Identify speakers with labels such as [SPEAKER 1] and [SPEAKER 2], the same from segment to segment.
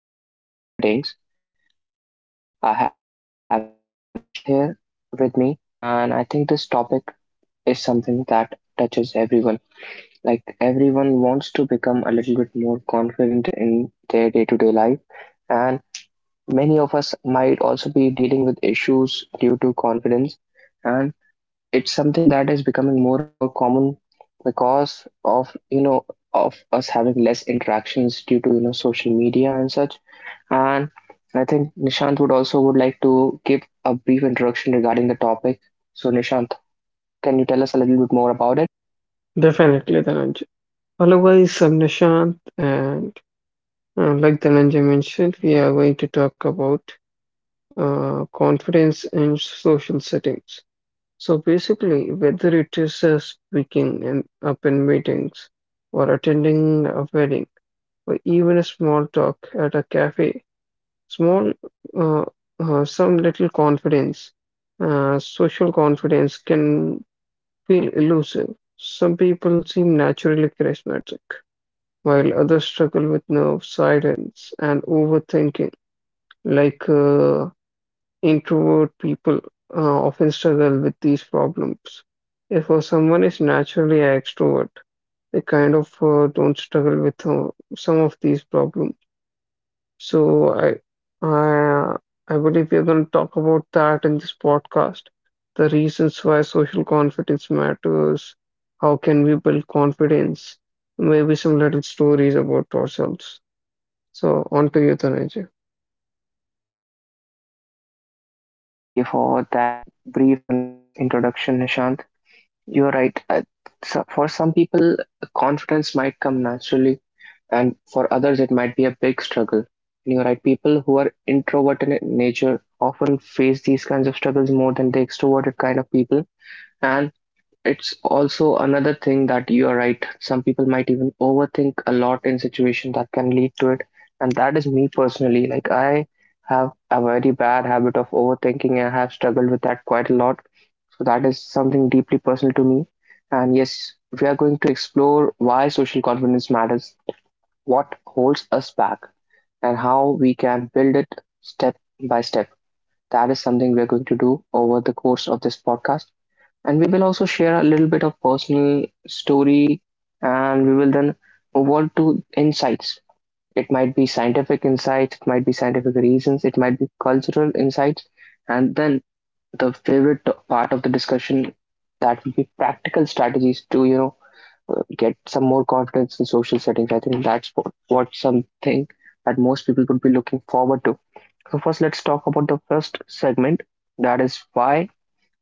[SPEAKER 1] about confidence in social settings. I have Nishant here with me, and I think this topic is something that touches everyone. Like, everyone wants to become a little bit more confident in their day to day life, and many of us might also be dealing with issues due to confidence. And it's something that is becoming more and more common because of of us having less interactions due to social media and such. And I think Nishant would also would like to give a brief introduction regarding the topic. So Nishant, can you tell us a little bit more about it?
[SPEAKER 2] Definitely the Dhananjay. Otherwise, am Nishant, and like Dhananjay mentioned, we are going to talk about confidence in social settings. So basically, whether it is speaking in up in meetings or attending a wedding or even a small talk at a cafe, small, uh, some little confidence, social confidence can feel elusive. Some people seem naturally charismatic while others struggle with nerves, silence, and overthinking. Like uh, Introvert people often struggle with these problems. If someone is naturally an extrovert, they kind of don't struggle with some of these problems. So I, I believe we're going to talk about that in this podcast. The reasons why social confidence matters. How can we build confidence? Maybe some little stories about ourselves. So on to you, Dhananjay.
[SPEAKER 1] Thank you for that brief, concise introduction, Nishant. You're right. So for some people confidence might come naturally, and for others it might be a big struggle. And you're right, people who are introverted in nature often face these kinds of struggles more than the extroverted kind of people. And it's also another thing that you are right. Some people might even overthink a lot in situations that can lead to it. And that is me personally. Like, I have a very bad habit of overthinking. I have struggled with that quite a lot. So that is something deeply personal to me. And yes, we are going to explore why social confidence matters, what holds us back, and how we can build it step by step. That is something we're going to do over the course of this podcast. And we will also share a little bit of personal story, and we will then move on to insights. It might be scientific insights, it might be scientific reasons, it might be cultural insights. And then the favorite part of the discussion, that would be practical strategies to, get some more confidence in social settings. I think that's what something that most people would be looking forward to. So first, let's talk about the first segment. That is why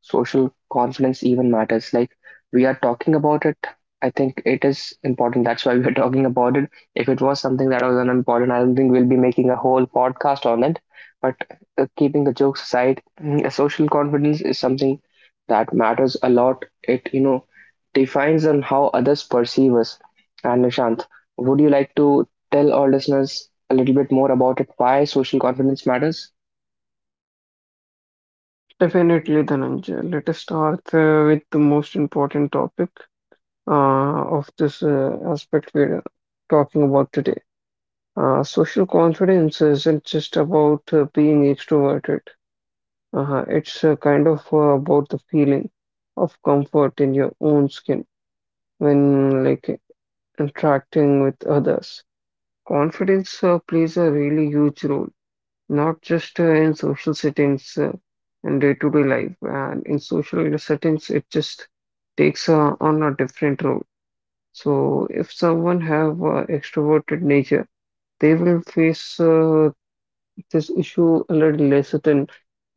[SPEAKER 1] social confidence even matters. Like, we are talking about it, I think it is important. That's why we are talking about it. If it was something that was unimportant, I don't think we'll be making a whole podcast on it. But keeping the jokes aside, social confidence is something that matters a lot. It defines on how others perceive us. And Nishant, would you like to tell our listeners a little bit more about it? Why social confidence matters?
[SPEAKER 2] Definitely, Dhananjay. Let us start with the most important topic uh, of this aspect we're talking about today. Social confidence isn't just about being extroverted. It's kind of about the feeling of comfort in your own skin when like interacting with others. Confidence plays a really huge role not just in social settings and day-to-day life. And in social settings, it just takes on a different role. So if someone have extroverted nature, they will face this issue a little less than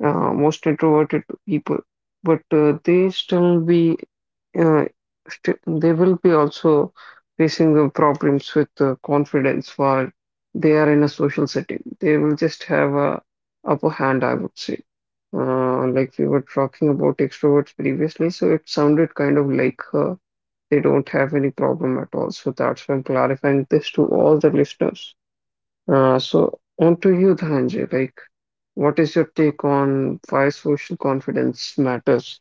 [SPEAKER 2] most introverted people, but they still be uh, st they will be also facing the problems with confidence while they are in a social setting. They will just have a upper hand, I would say. Like we were talking about extroverts previously, so it sounded kind of like they don't have any problem at all. So that's why I'm clarifying this to all the listeners. So on to you, Dhananjay. Like, what is your take on why social confidence matters?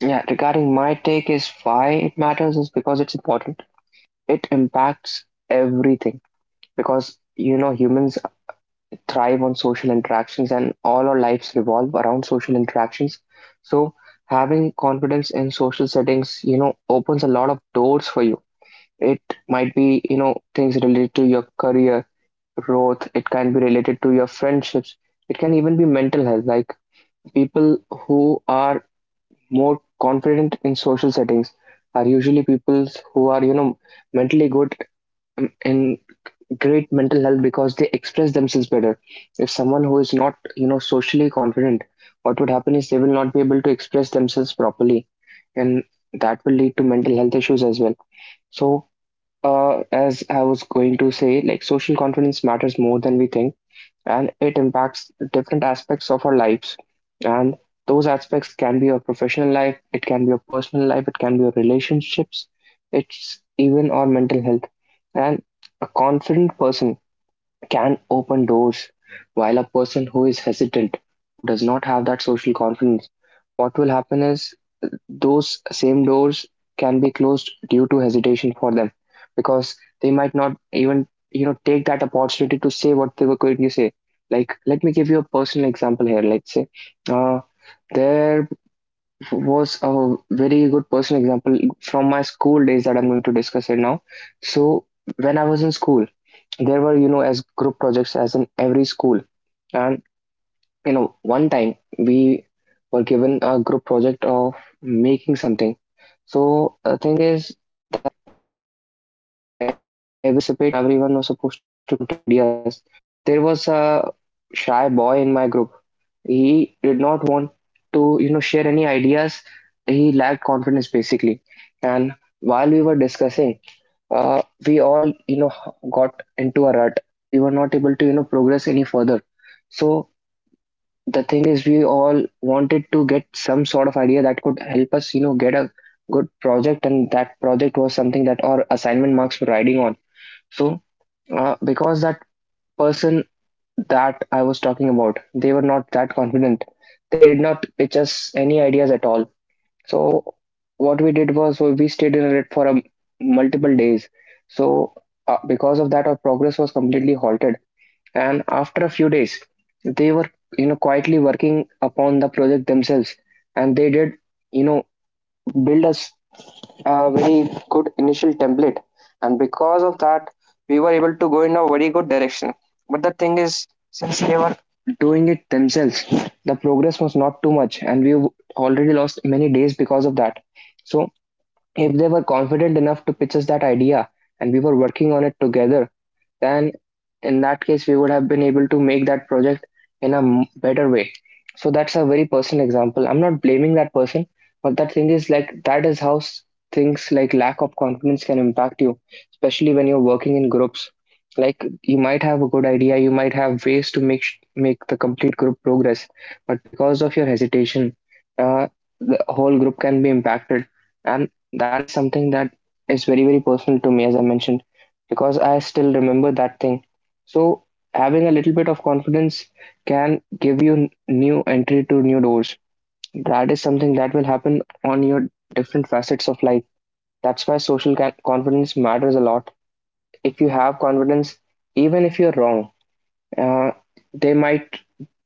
[SPEAKER 1] Yeah, regarding my take is why it matters is because it's important. It impacts everything because humans thrive on social interactions, and all our lives revolve around social interactions. So having confidence in social settings, opens a lot of doors for you. It might be things related to your career growth, it can be related to your friendships. It can even be mental health. Like, people who are more confident in social settings are usually people who are mentally good, in great mental health, because they express themselves better. If someone who is not socially confident, what would happen is they will not be able to express themselves properly, and that will lead to mental health issues as well. So, as I was going to say, like, social confidence matters more than we think, and it impacts different aspects of our lives. And those aspects can be our professional life, it can be our personal life, it can be our relationships, it's even our mental health. And a confident person can open doors, while a person who is hesitant, who does not have that social confidence, what will happen is those same doors can be closed due to hesitation for them, because they might not even take that opportunity to say what they were going to say. Like, let me give you a personal example here. Let's say uh, there was a very good personal example from my school days that I'm going to discuss it now. So when I was in school, there were as group projects as in every school, and one time we were given a group project of making something. So the thing is that everyone was supposed to participate and everyone was supposed to contribute the ideas, but there was a shy boy in my group. He did not want to share any ideas. He lacked confidence, basically. And while we were discussing, we all got into a rut. We were not able to progress any further. So the thing is, we all wanted to get some sort of idea that could help us get a good project, and that project was something that our assignment marks were riding on. So, because that person that I was talking about, they were not that confident, they did not pitch us any ideas at all. So what we did was we stayed in it for multiple days. So, because of that, our progress was completely halted. And after a few days, they were quietly working upon the project themselves, and they did you know build us a very good initial template, and because of that we were able to go in a very good direction. But the thing is, since they were doing it themselves, the progress was not too much, and we already lost many days because of that. So if they were confident enough to pitch us that idea and we were working on it together, then in that case we would have been able to make that project in a better way. So that's a very personal example. I'm not blaming that person, but that thing is, like, that is how things like lack of confidence can impact you, especially when you're working in groups. Like, you might have a good idea, you might have ways to make make the complete group progress, but because of your hesitation, uh, the whole group can be impacted. And that is something that is very very personal to me, as I mentioned, because I still remember that thing. So having a little bit of confidence can give you new entry to new doors. That is something that will happen on your different facets of life. That's why social confidence matters a lot. If you have confidence, even if you're wrong, uh, they might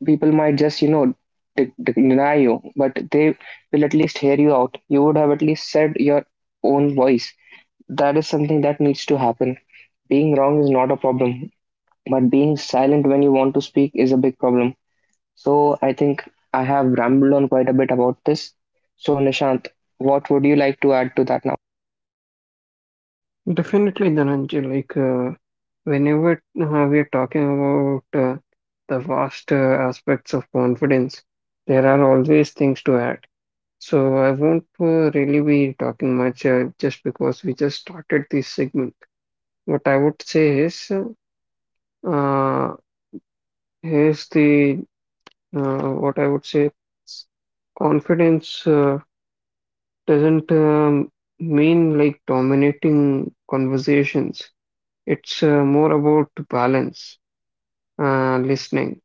[SPEAKER 1] people might just deny you, but they will at least hear you out. You would have at least said your own voice. That is something that needs to happen. Being wrong is not a problem, but being silent when you want to speak is a big problem. So I think I have rambled on quite a bit about this. So Nishant, what would you like to add to that now?
[SPEAKER 2] Definitely, Dhananjay. Whenever we are talking about the vast aspects of confidence, there are always things to add. So I won't really be talking much just because we just started this segment. What I would say is, uh, here's the what I would say confidence. Doesn't mean like dominating conversations. It's more about balance, listening,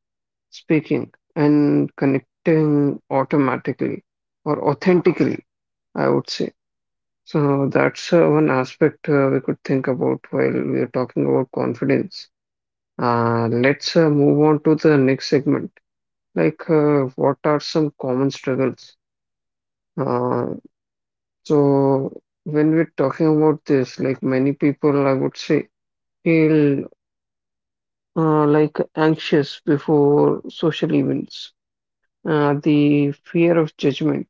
[SPEAKER 2] speaking, and connecting automatically or authentically, I would say. So that's one aspect we could think about while we are talking about confidence. Let's move on to the next segment. What are some common struggles? Uh, So when we're talking about this, like many people, I would say, feel like anxious before social events. The fear of judgment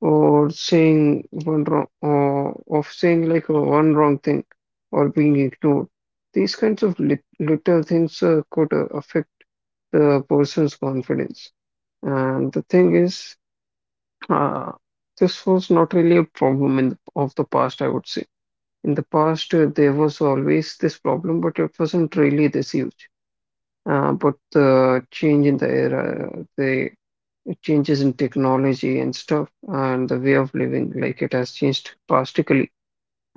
[SPEAKER 2] or saying one wrong, or of saying like one wrong thing or being ignored. These kinds of little things could affect the person's confidence. And the thing is, uh, this was not really a problem in the, of the past, I would say. In the past, there was always this problem, but it wasn't really this huge. But the change in the era, the changes in technology and stuff, and the way of living, like it has changed drastically.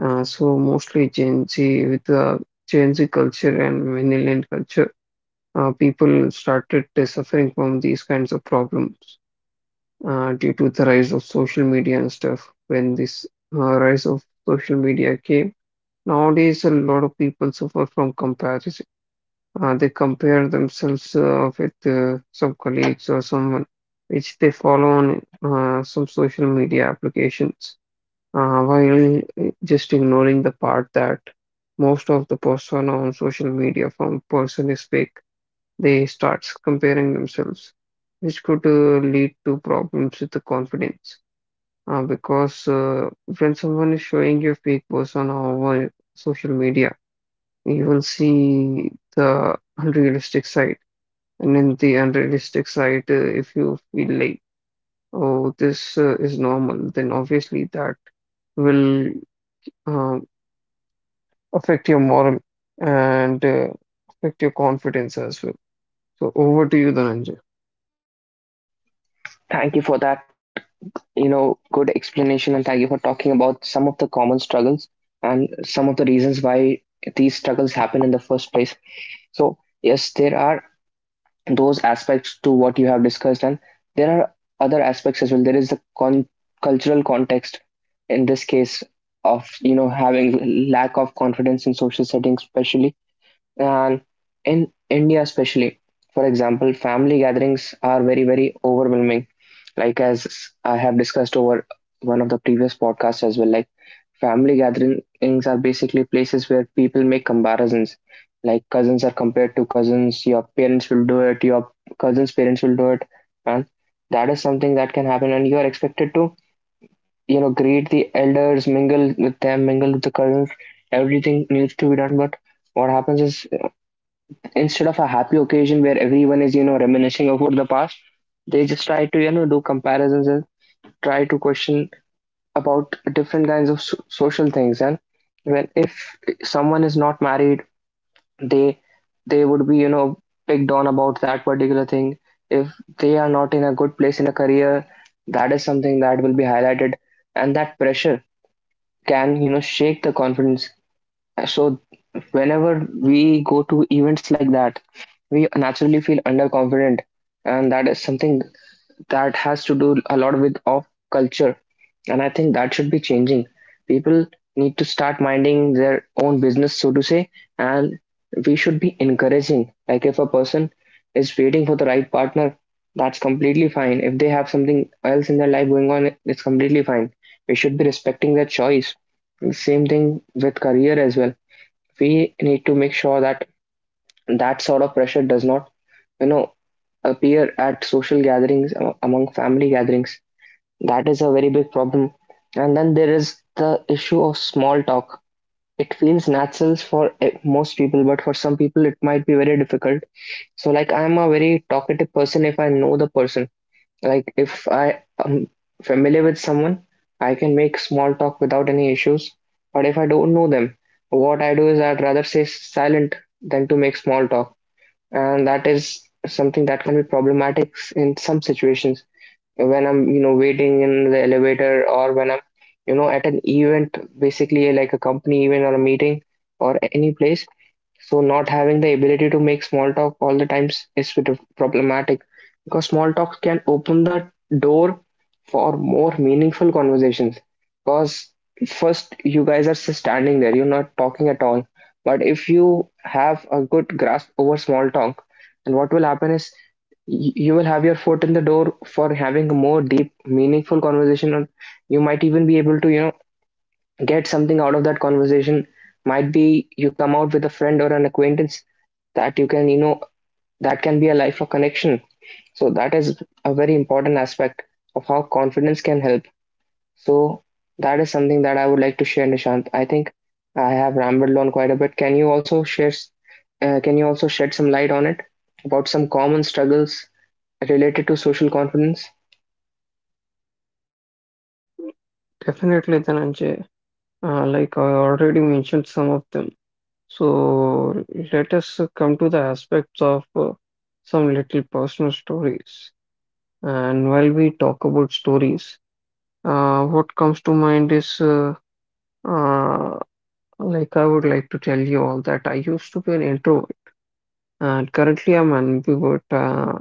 [SPEAKER 2] So mostly Gen Z with the Gen Z culture and millennial culture, people started suffering from these kinds of problems due to the rise of social media and stuff. When this rise of social media came, nowadays, a lot of people suffer from comparison. They compare themselves with some colleagues or someone which they follow on some social media applications, while just ignoring the part that most of the persona on social media from person is fake. They start comparing themselves, which could lead to problems with the confidence. Because when someone is showing you fake persona over social media, you will see the unrealistic side. And in the unrealistic side, if you feel like, oh, this is normal, then obviously that will um, affect your moral and affect your confidence as well. So over to you, Dhananjay.
[SPEAKER 1] Thank you for that, good explanation, and thank you for talking about some of the common struggles and some of the reasons why these struggles happen in the first place. So yes, there are those aspects to what you have discussed, and there are other aspects as well. There is the cultural context in this case of having lack of confidence in social settings, especially. And in India, especially, for example, family gatherings are very very overwhelming. Like, as I have discussed over one of the previous podcasts as well, like, family gatherings are basically places where people make comparisons. Like, cousins are compared to cousins, your parents will do it, your cousins' parents will do it, and that is something that can happen. And you are expected to, greet the elders, mingle with them, mingle with the cousins. Everything needs to be done. But what happens is, instead of a happy occasion where everyone is, reminiscing over the past, they just try to, do comparisons and try to question about different kinds of social things. And when, if someone is not married, they they would be picked on about that particular thing. If they are not in a good place in a career, that is something that will be highlighted, and that pressure can shake the confidence. So whenever we go to events like that, we naturally feel underconfident, and that is something that has to do a lot with of culture, and I think that should be changing. People need to start minding their own business, so to say, and we should be encouraging. Like, if a person is waiting for the right partner, that's completely fine. If they have something else in their life going on, it's completely fine. We should be respecting their choice. Same thing with career as well. We need to make sure that that sort of pressure does not, you know, appear at social gatherings among family gatherings. That is a very big problem. And then there is the issue of small talk. It feels natural for most people, but for some people, it might be very difficult. So, like, I'm a very talkative person if I know the person. Like, if I am familiar with someone, I can make small talk without any issues. But if I don't know them, what I do is I'd rather stay silent than to make small talk. And that is something that can be problematic in some situations when I'm waiting in the elevator or when I'm at an event, basically like a company event or a meeting or any place, so not having the ability to make small talk all the times is bit of problematic because small talk can open the door for more meaningful conversations. Because first you guys are just standing there, you're not talking at all. But if you have a good grasp over small talk, then what will happen is you will have your foot in the door for having a more deep, meaningful conversation, and you might even be able to, get something out of that conversation. Might be you come out with a friend or an acquaintance that you can you know that can be a lifelong connection. So that is a very important aspect of how confidence can help. So that is something that I would like to share, Nishant. I think I have rambled on quite a bit. Can you also shed some light on it, about some common struggles related to social confidence?
[SPEAKER 2] Definitely, Dhananjay. Like I already mentioned some of them. So let us come to the aspects of some little personal stories. And while we talk about stories, what comes to mind is uh, like I would like to tell you all that I used to be an introvert and currently I'm an ambivert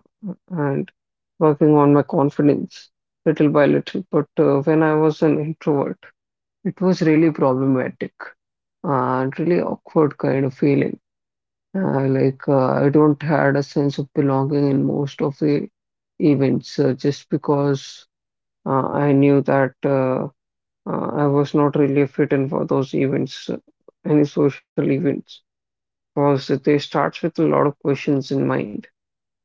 [SPEAKER 2] and working on my confidence little by little. But when I was an introvert, it was really problematic and really awkward kind of feeling. I don't had a sense of belonging in most of the events just because I knew that. I was not really fit in for those events, any social events, because they starts with a lot of questions in mind.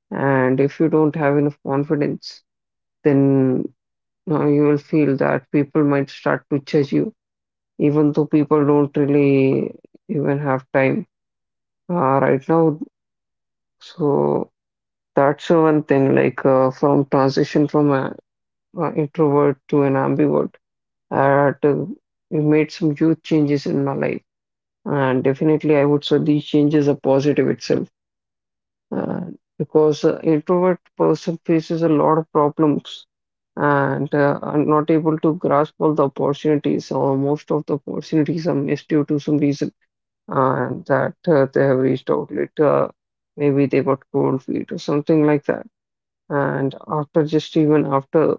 [SPEAKER 2] And if you don't have enough confidence, then you will feel that people might start to judge you, even though people don't really even have time uh, right now. So that's one thing, like from transition from an introvert to an ambivert, I had to, it made some huge changes in my life. And definitely, I would say these changes are positive itself uh, because introvert person faces a lot of problems and are not able to grasp all the opportunities, or most of the opportunities are missed due to some reason, and that they have reached outlet. Maybe they got cold feet or something like that. And after just even after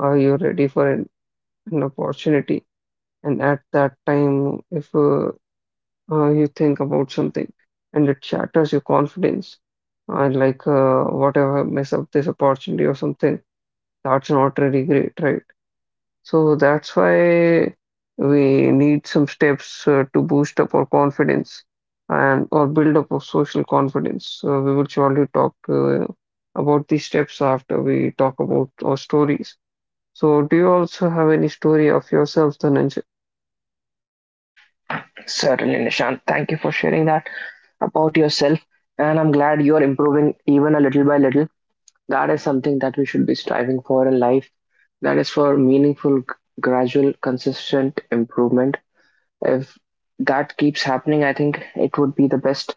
[SPEAKER 2] you're ready for an opportunity, and at that time, if you think about something and it shatters your confidence. And like, whatever, mess up this opportunity or something, that's not really great, right? So that's why we need some steps to boost up our confidence and or build up our social confidence. So we will surely talk about these steps after we talk about our stories. So do you also have any story of yourself, Dhananjay?
[SPEAKER 1] Certainly, Nishant. Thank you for sharing that about yourself, and I'm glad you're improving, even a little by little. That is something that we should be striving for in life. That is for meaningful, gradual, consistent improvement. If that keeps happening, I think it would be the best.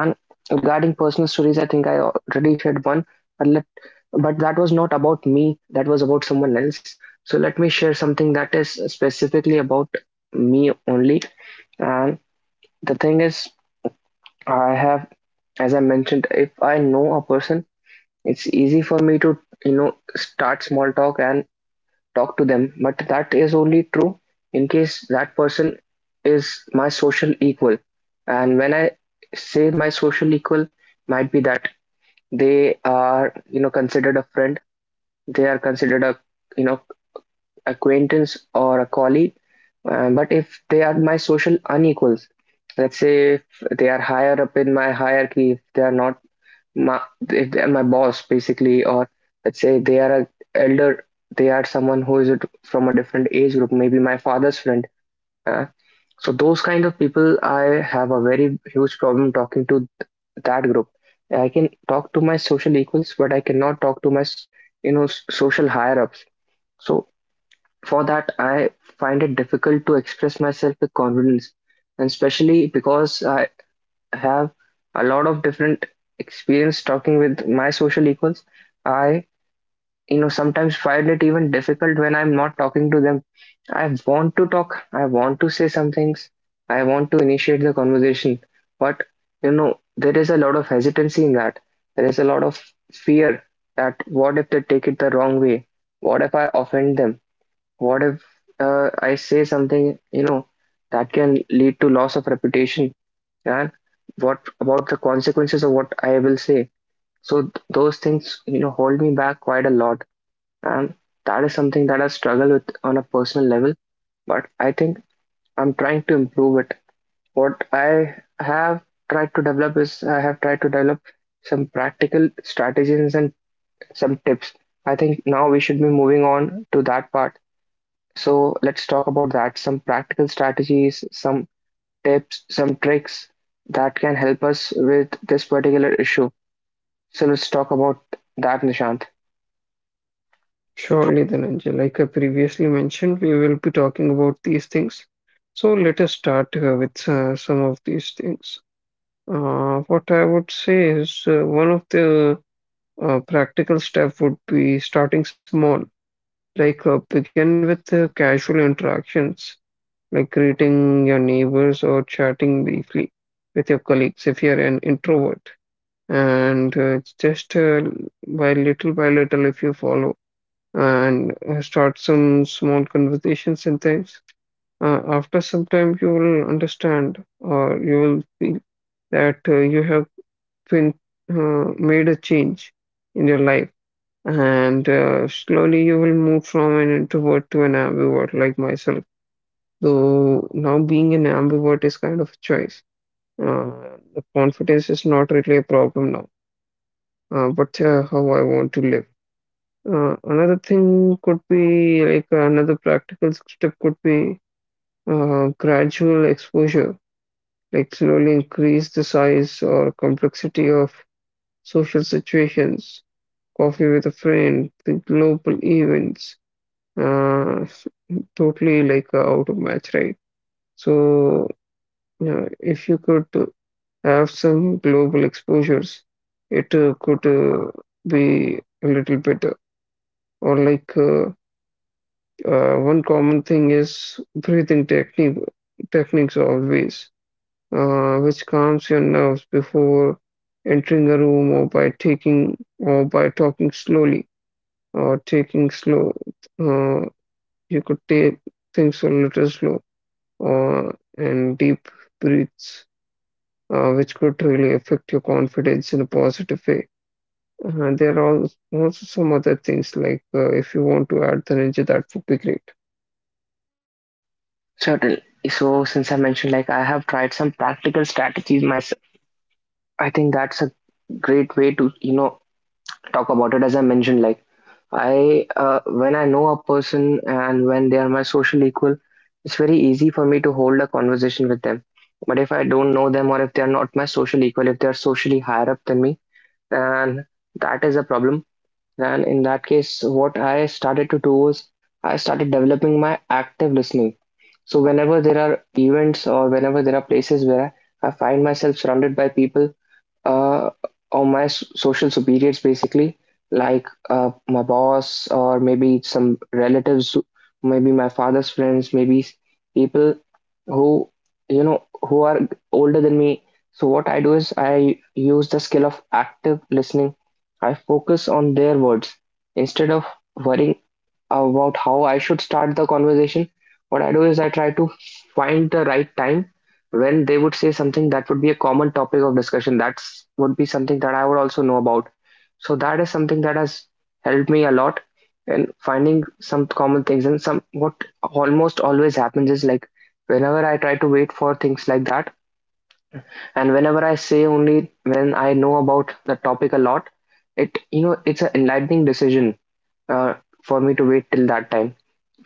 [SPEAKER 1] And regarding personal stories, I think I already shared one, but let but that was not about me. That was about someone else. So let me share something that is specifically about me only. And the thing is, I have, as I mentioned, if I know a person, it's easy for me to, start small talk and talk to them, but that is only true in case that person is my social equal. And when I say my social equal, might be that they are, considered a friend, they are considered a, you know, acquaintance or a colleague. But if they are my social unequals, let's say if they are higher up in my hierarchy, if they are not my, if they are my boss basically, or let's say they are a elder, they are someone who is it from a different age group, maybe my father's friend, uh, so those kind of people I have a very huge problem talking to. That group, I can talk to my social equals, but I cannot talk to my social higher ups. So for that, I find it difficult to express myself with confidence, and especially because I have a lot of different experience talking with my social equals. I, sometimes find it even difficult when I'm not talking to them. I want to talk, I want to say some things, I want to initiate the conversation, but, there is a lot of hesitancy in that. There is a lot of fear that what if they take it the wrong way? What if I offend them? What if I say something, that can lead to loss of reputation? And what about the consequences of what I will say? So those things, hold me back quite a lot, and that is something that I struggle with on a personal level. But I think I'm trying to improve it. What I have tried to develop is I have tried to develop some practical strategies and some tips. I think now we should be moving on to that part. So let's talk about that. Some practical strategies, some tips, some tricks that can help us with this particular issue. So let's talk about that, Nishant.
[SPEAKER 2] Surely then, Angel, like I previously mentioned, we will be talking about these things. So let us start with some of these things. What I would say is one of the practical step would be starting small, like begin with casual interactions, like greeting your neighbors or chatting briefly with your colleagues if you're an introvert. And it's just by little, if you follow and start some small conversations and things. After some time, you will understand or you will feel that you have been made a change in your life, and slowly you will move from an introvert to an ambivert, like myself. Though now being an ambivert is kind of a choice. The confidence is not really a problem now, but how I want to live. Another thing could be like another practical step could be gradual exposure, like slowly increase the size or complexity of social situations, coffee with a friend, the global events, uh, s- totally like out of match, right? So, yeah, if you could have some global exposures, it could be a little better or like. One common thing is breathing techniques always, which calms your nerves before entering a room or by talking slowly or taking slow. Uh, you could take things a little slow or and deep breaths, which could really affect your confidence in a positive way. There are also some other things like if you want to add the ninja, that would be great.
[SPEAKER 1] Certainly. So since I mentioned, like I have tried some practical strategies myself. I think that's a great way to, talk about it. As I mentioned, like when I know a person and when they are my social equal, it's very easy for me to hold a conversation with them. But if I don't know them, or if they are not my social equal, if they are socially higher up than me, then that is a problem. Then, in that case, what I started to do was I started developing my active listening. So, whenever there are events or whenever there are places where I find myself surrounded by people, uh, or my social superiors, basically, like my boss or maybe some relatives, maybe my father's friends, maybe people who, who are older than me. So what I do is I use the skill of active listening. I focus on their words instead of worrying about how I should start the conversation. What I do is I try to find the right time when they would say something that would be a common topic of discussion, that's would be something that I would also know about. So that is something that has helped me a lot in finding some common things. And some, what almost always happens is like, whenever I try to wait for things like that, and whenever I say only when I know about the topic a lot, it, it's an enlightening decision uh, for me to wait till that time,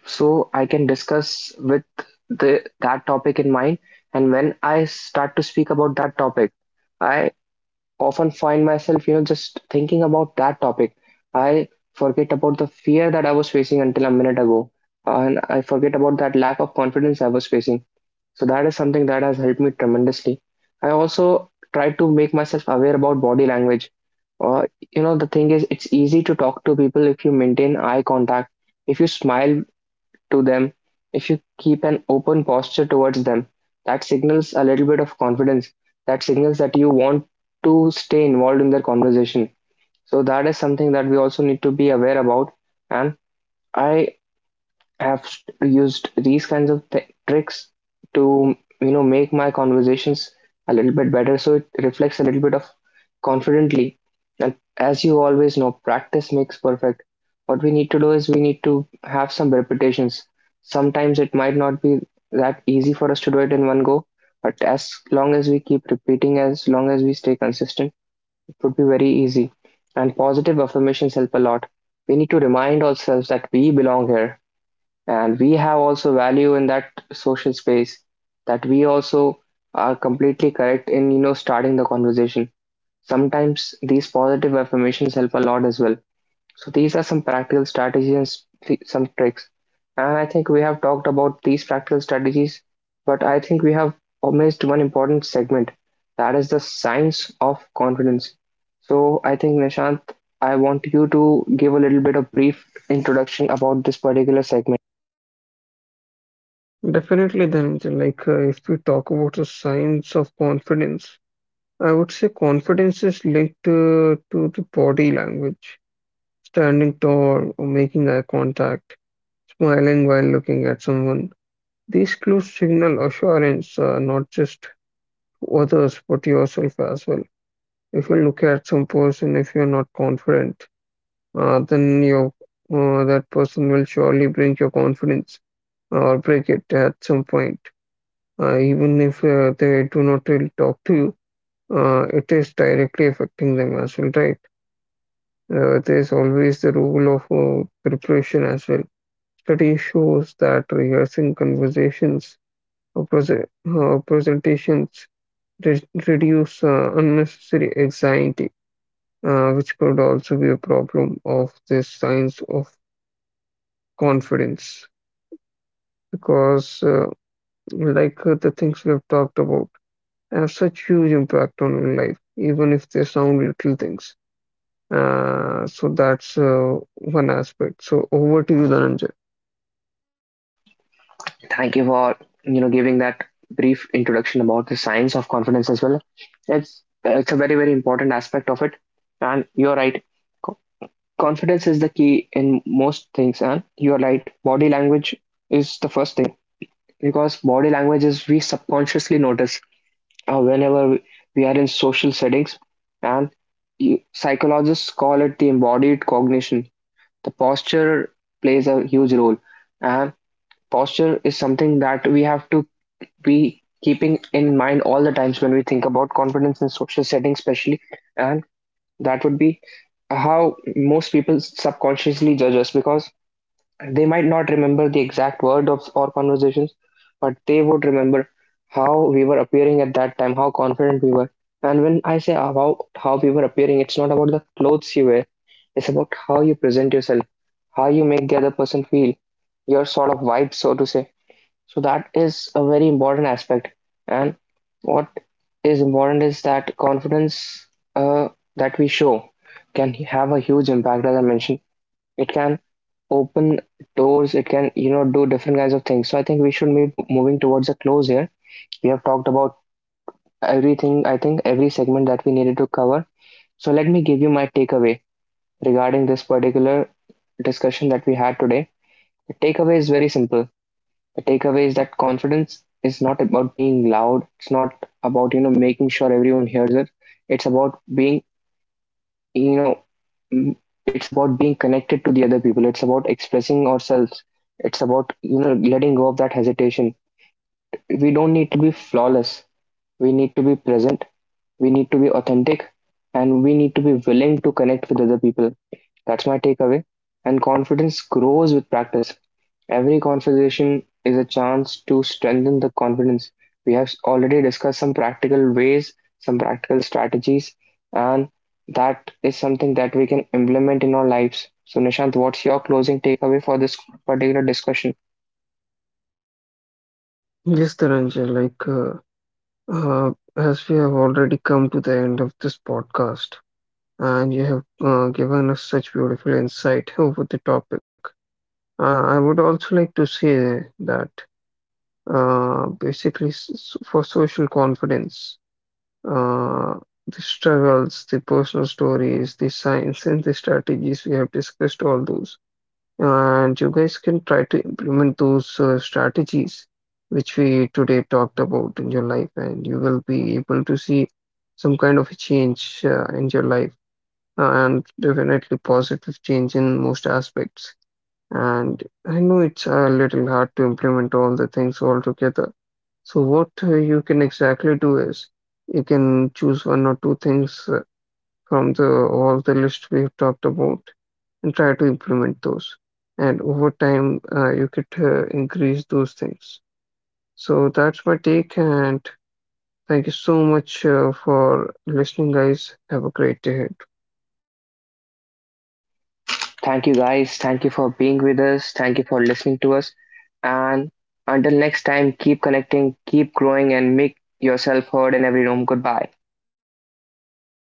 [SPEAKER 1] so I can discuss with the that topic in mind. And when I start to speak about that topic, I often find myself, just thinking about that topic. I forget about the fear that I was facing until a minute ago, and I forget about that lack of confidence I was facing. So that is something that has helped me tremendously. I also try to make myself aware about body language. Uh, you know, the thing is, it's easy to talk to people if you maintain eye contact, if you smile to them, if you keep an open posture towards them. That signals a little bit of confidence. That signals that you want to stay involved in their conversation. So that is something that we also need to be aware about. And I have used these kinds of tricks to, make my conversations a little bit better, so it reflects a little bit of confidently. And as you always know, practice makes perfect. What we need to do is we need to have some repetitions. Sometimes it might not be that easy for us to do it in one go, but as long as we keep repeating, as long as we stay consistent, it would be very easy. And positive affirmations help a lot. We need to remind ourselves that we belong here and we have also value in that social space, that we also are completely correct in, starting the conversation. Sometimes these positive affirmations help a lot as well. So these are some practical strategies and some tricks, and I think we have talked about these practical strategies, but I think we have missed one important segment. That is the science of confidence. So I think, Nishant, I want you to give a little bit of brief introduction about this particular segment.
[SPEAKER 2] Definitely, Dhananjay, like if we talk about the signs of confidence, I would say confidence is linked to the body language, standing tall or making eye contact, smiling while looking at someone. These clues signal assurance, not just to others, but yourself as well. If you look at some person, if you're not confident, then your that person will surely bring your confidence or break it at some point. Even if they do not really talk to you, it is directly affecting them as well, right? There's always the role of preparation as well. Study shows that rehearsing conversations or presentations re- reduce unnecessary anxiety, which could also be a problem of this science of confidence. Because the things we've talked about, have such huge impact on your life, even if they sound little things. So that's one aspect. So over to you, Dhananjay.
[SPEAKER 1] Thank you for, giving that brief introduction about the science of confidence as well. It's a very very important aspect of it, and you're right. Co- Confidence is the key in most things, and you're right. Body language is the first thing because body language is we subconsciously notice whenever we are in social settings, and psychologists call it the embodied cognition. The posture plays a huge role, and posture is something that we have to be keeping in mind all the times when we think about confidence in social settings, especially, and that would be how most people subconsciously judge us, because they might not remember the exact word of our conversations, but they would remember how we were appearing at that time, how confident we were. And when I say about how we were appearing, it's not about the clothes you wear, it's about how you present yourself, how you make the other person feel, your sort of vibe, so to say. So that is a very important aspect. And what is important is that confidence uh, that we show can have a huge impact, as I mentioned. It can open doors. It can, do different kinds of things. So I think we should be moving towards a close here. We have talked about everything, I think, every segment that we needed to cover. So let me give you my takeaway regarding this particular discussion that we had today. The takeaway is very simple. The takeaway is that confidence is not about being loud, it's not about, making sure everyone hears it. It's about being, you know mm, it's about being connected to the other people. It's about expressing ourselves, it's about, letting go of that hesitation. We don't need to be flawless. We need to be present. We need to be authentic. And we need to be willing to connect with other people. That's my takeaway. And confidence grows with practice. Every conversation is a chance to strengthen the confidence. We have already discussed some practical ways, some practical strategies, and that is something that we can implement in our lives. So, Nishant, what's your closing takeaway for this particular discussion?
[SPEAKER 2] Yes, Dhananjay, like as we have already come to the end of this podcast, and you have given us such beautiful insight over the topic, I would also like to say that basically for social confidence uh, the struggles, the personal stories, the science, and the strategies. We have discussed all those. And you guys can try to implement those strategies which we today talked about in your life, and you will be able to see some kind of a change in your life, and definitely positive change in most aspects. And I know it's a little hard to implement all the things all together, so what you can exactly do is you can choose one or two things from the all the list we've talked about and try to implement those. And over time, you could increase those things. So that's my take, and thank you so much for listening, guys. Have a great day.
[SPEAKER 1] Thank you guys. Thank you for being with us. Thank you for listening to us. And until next time, keep connecting, keep growing, and make yourself heard in every room. Goodbye.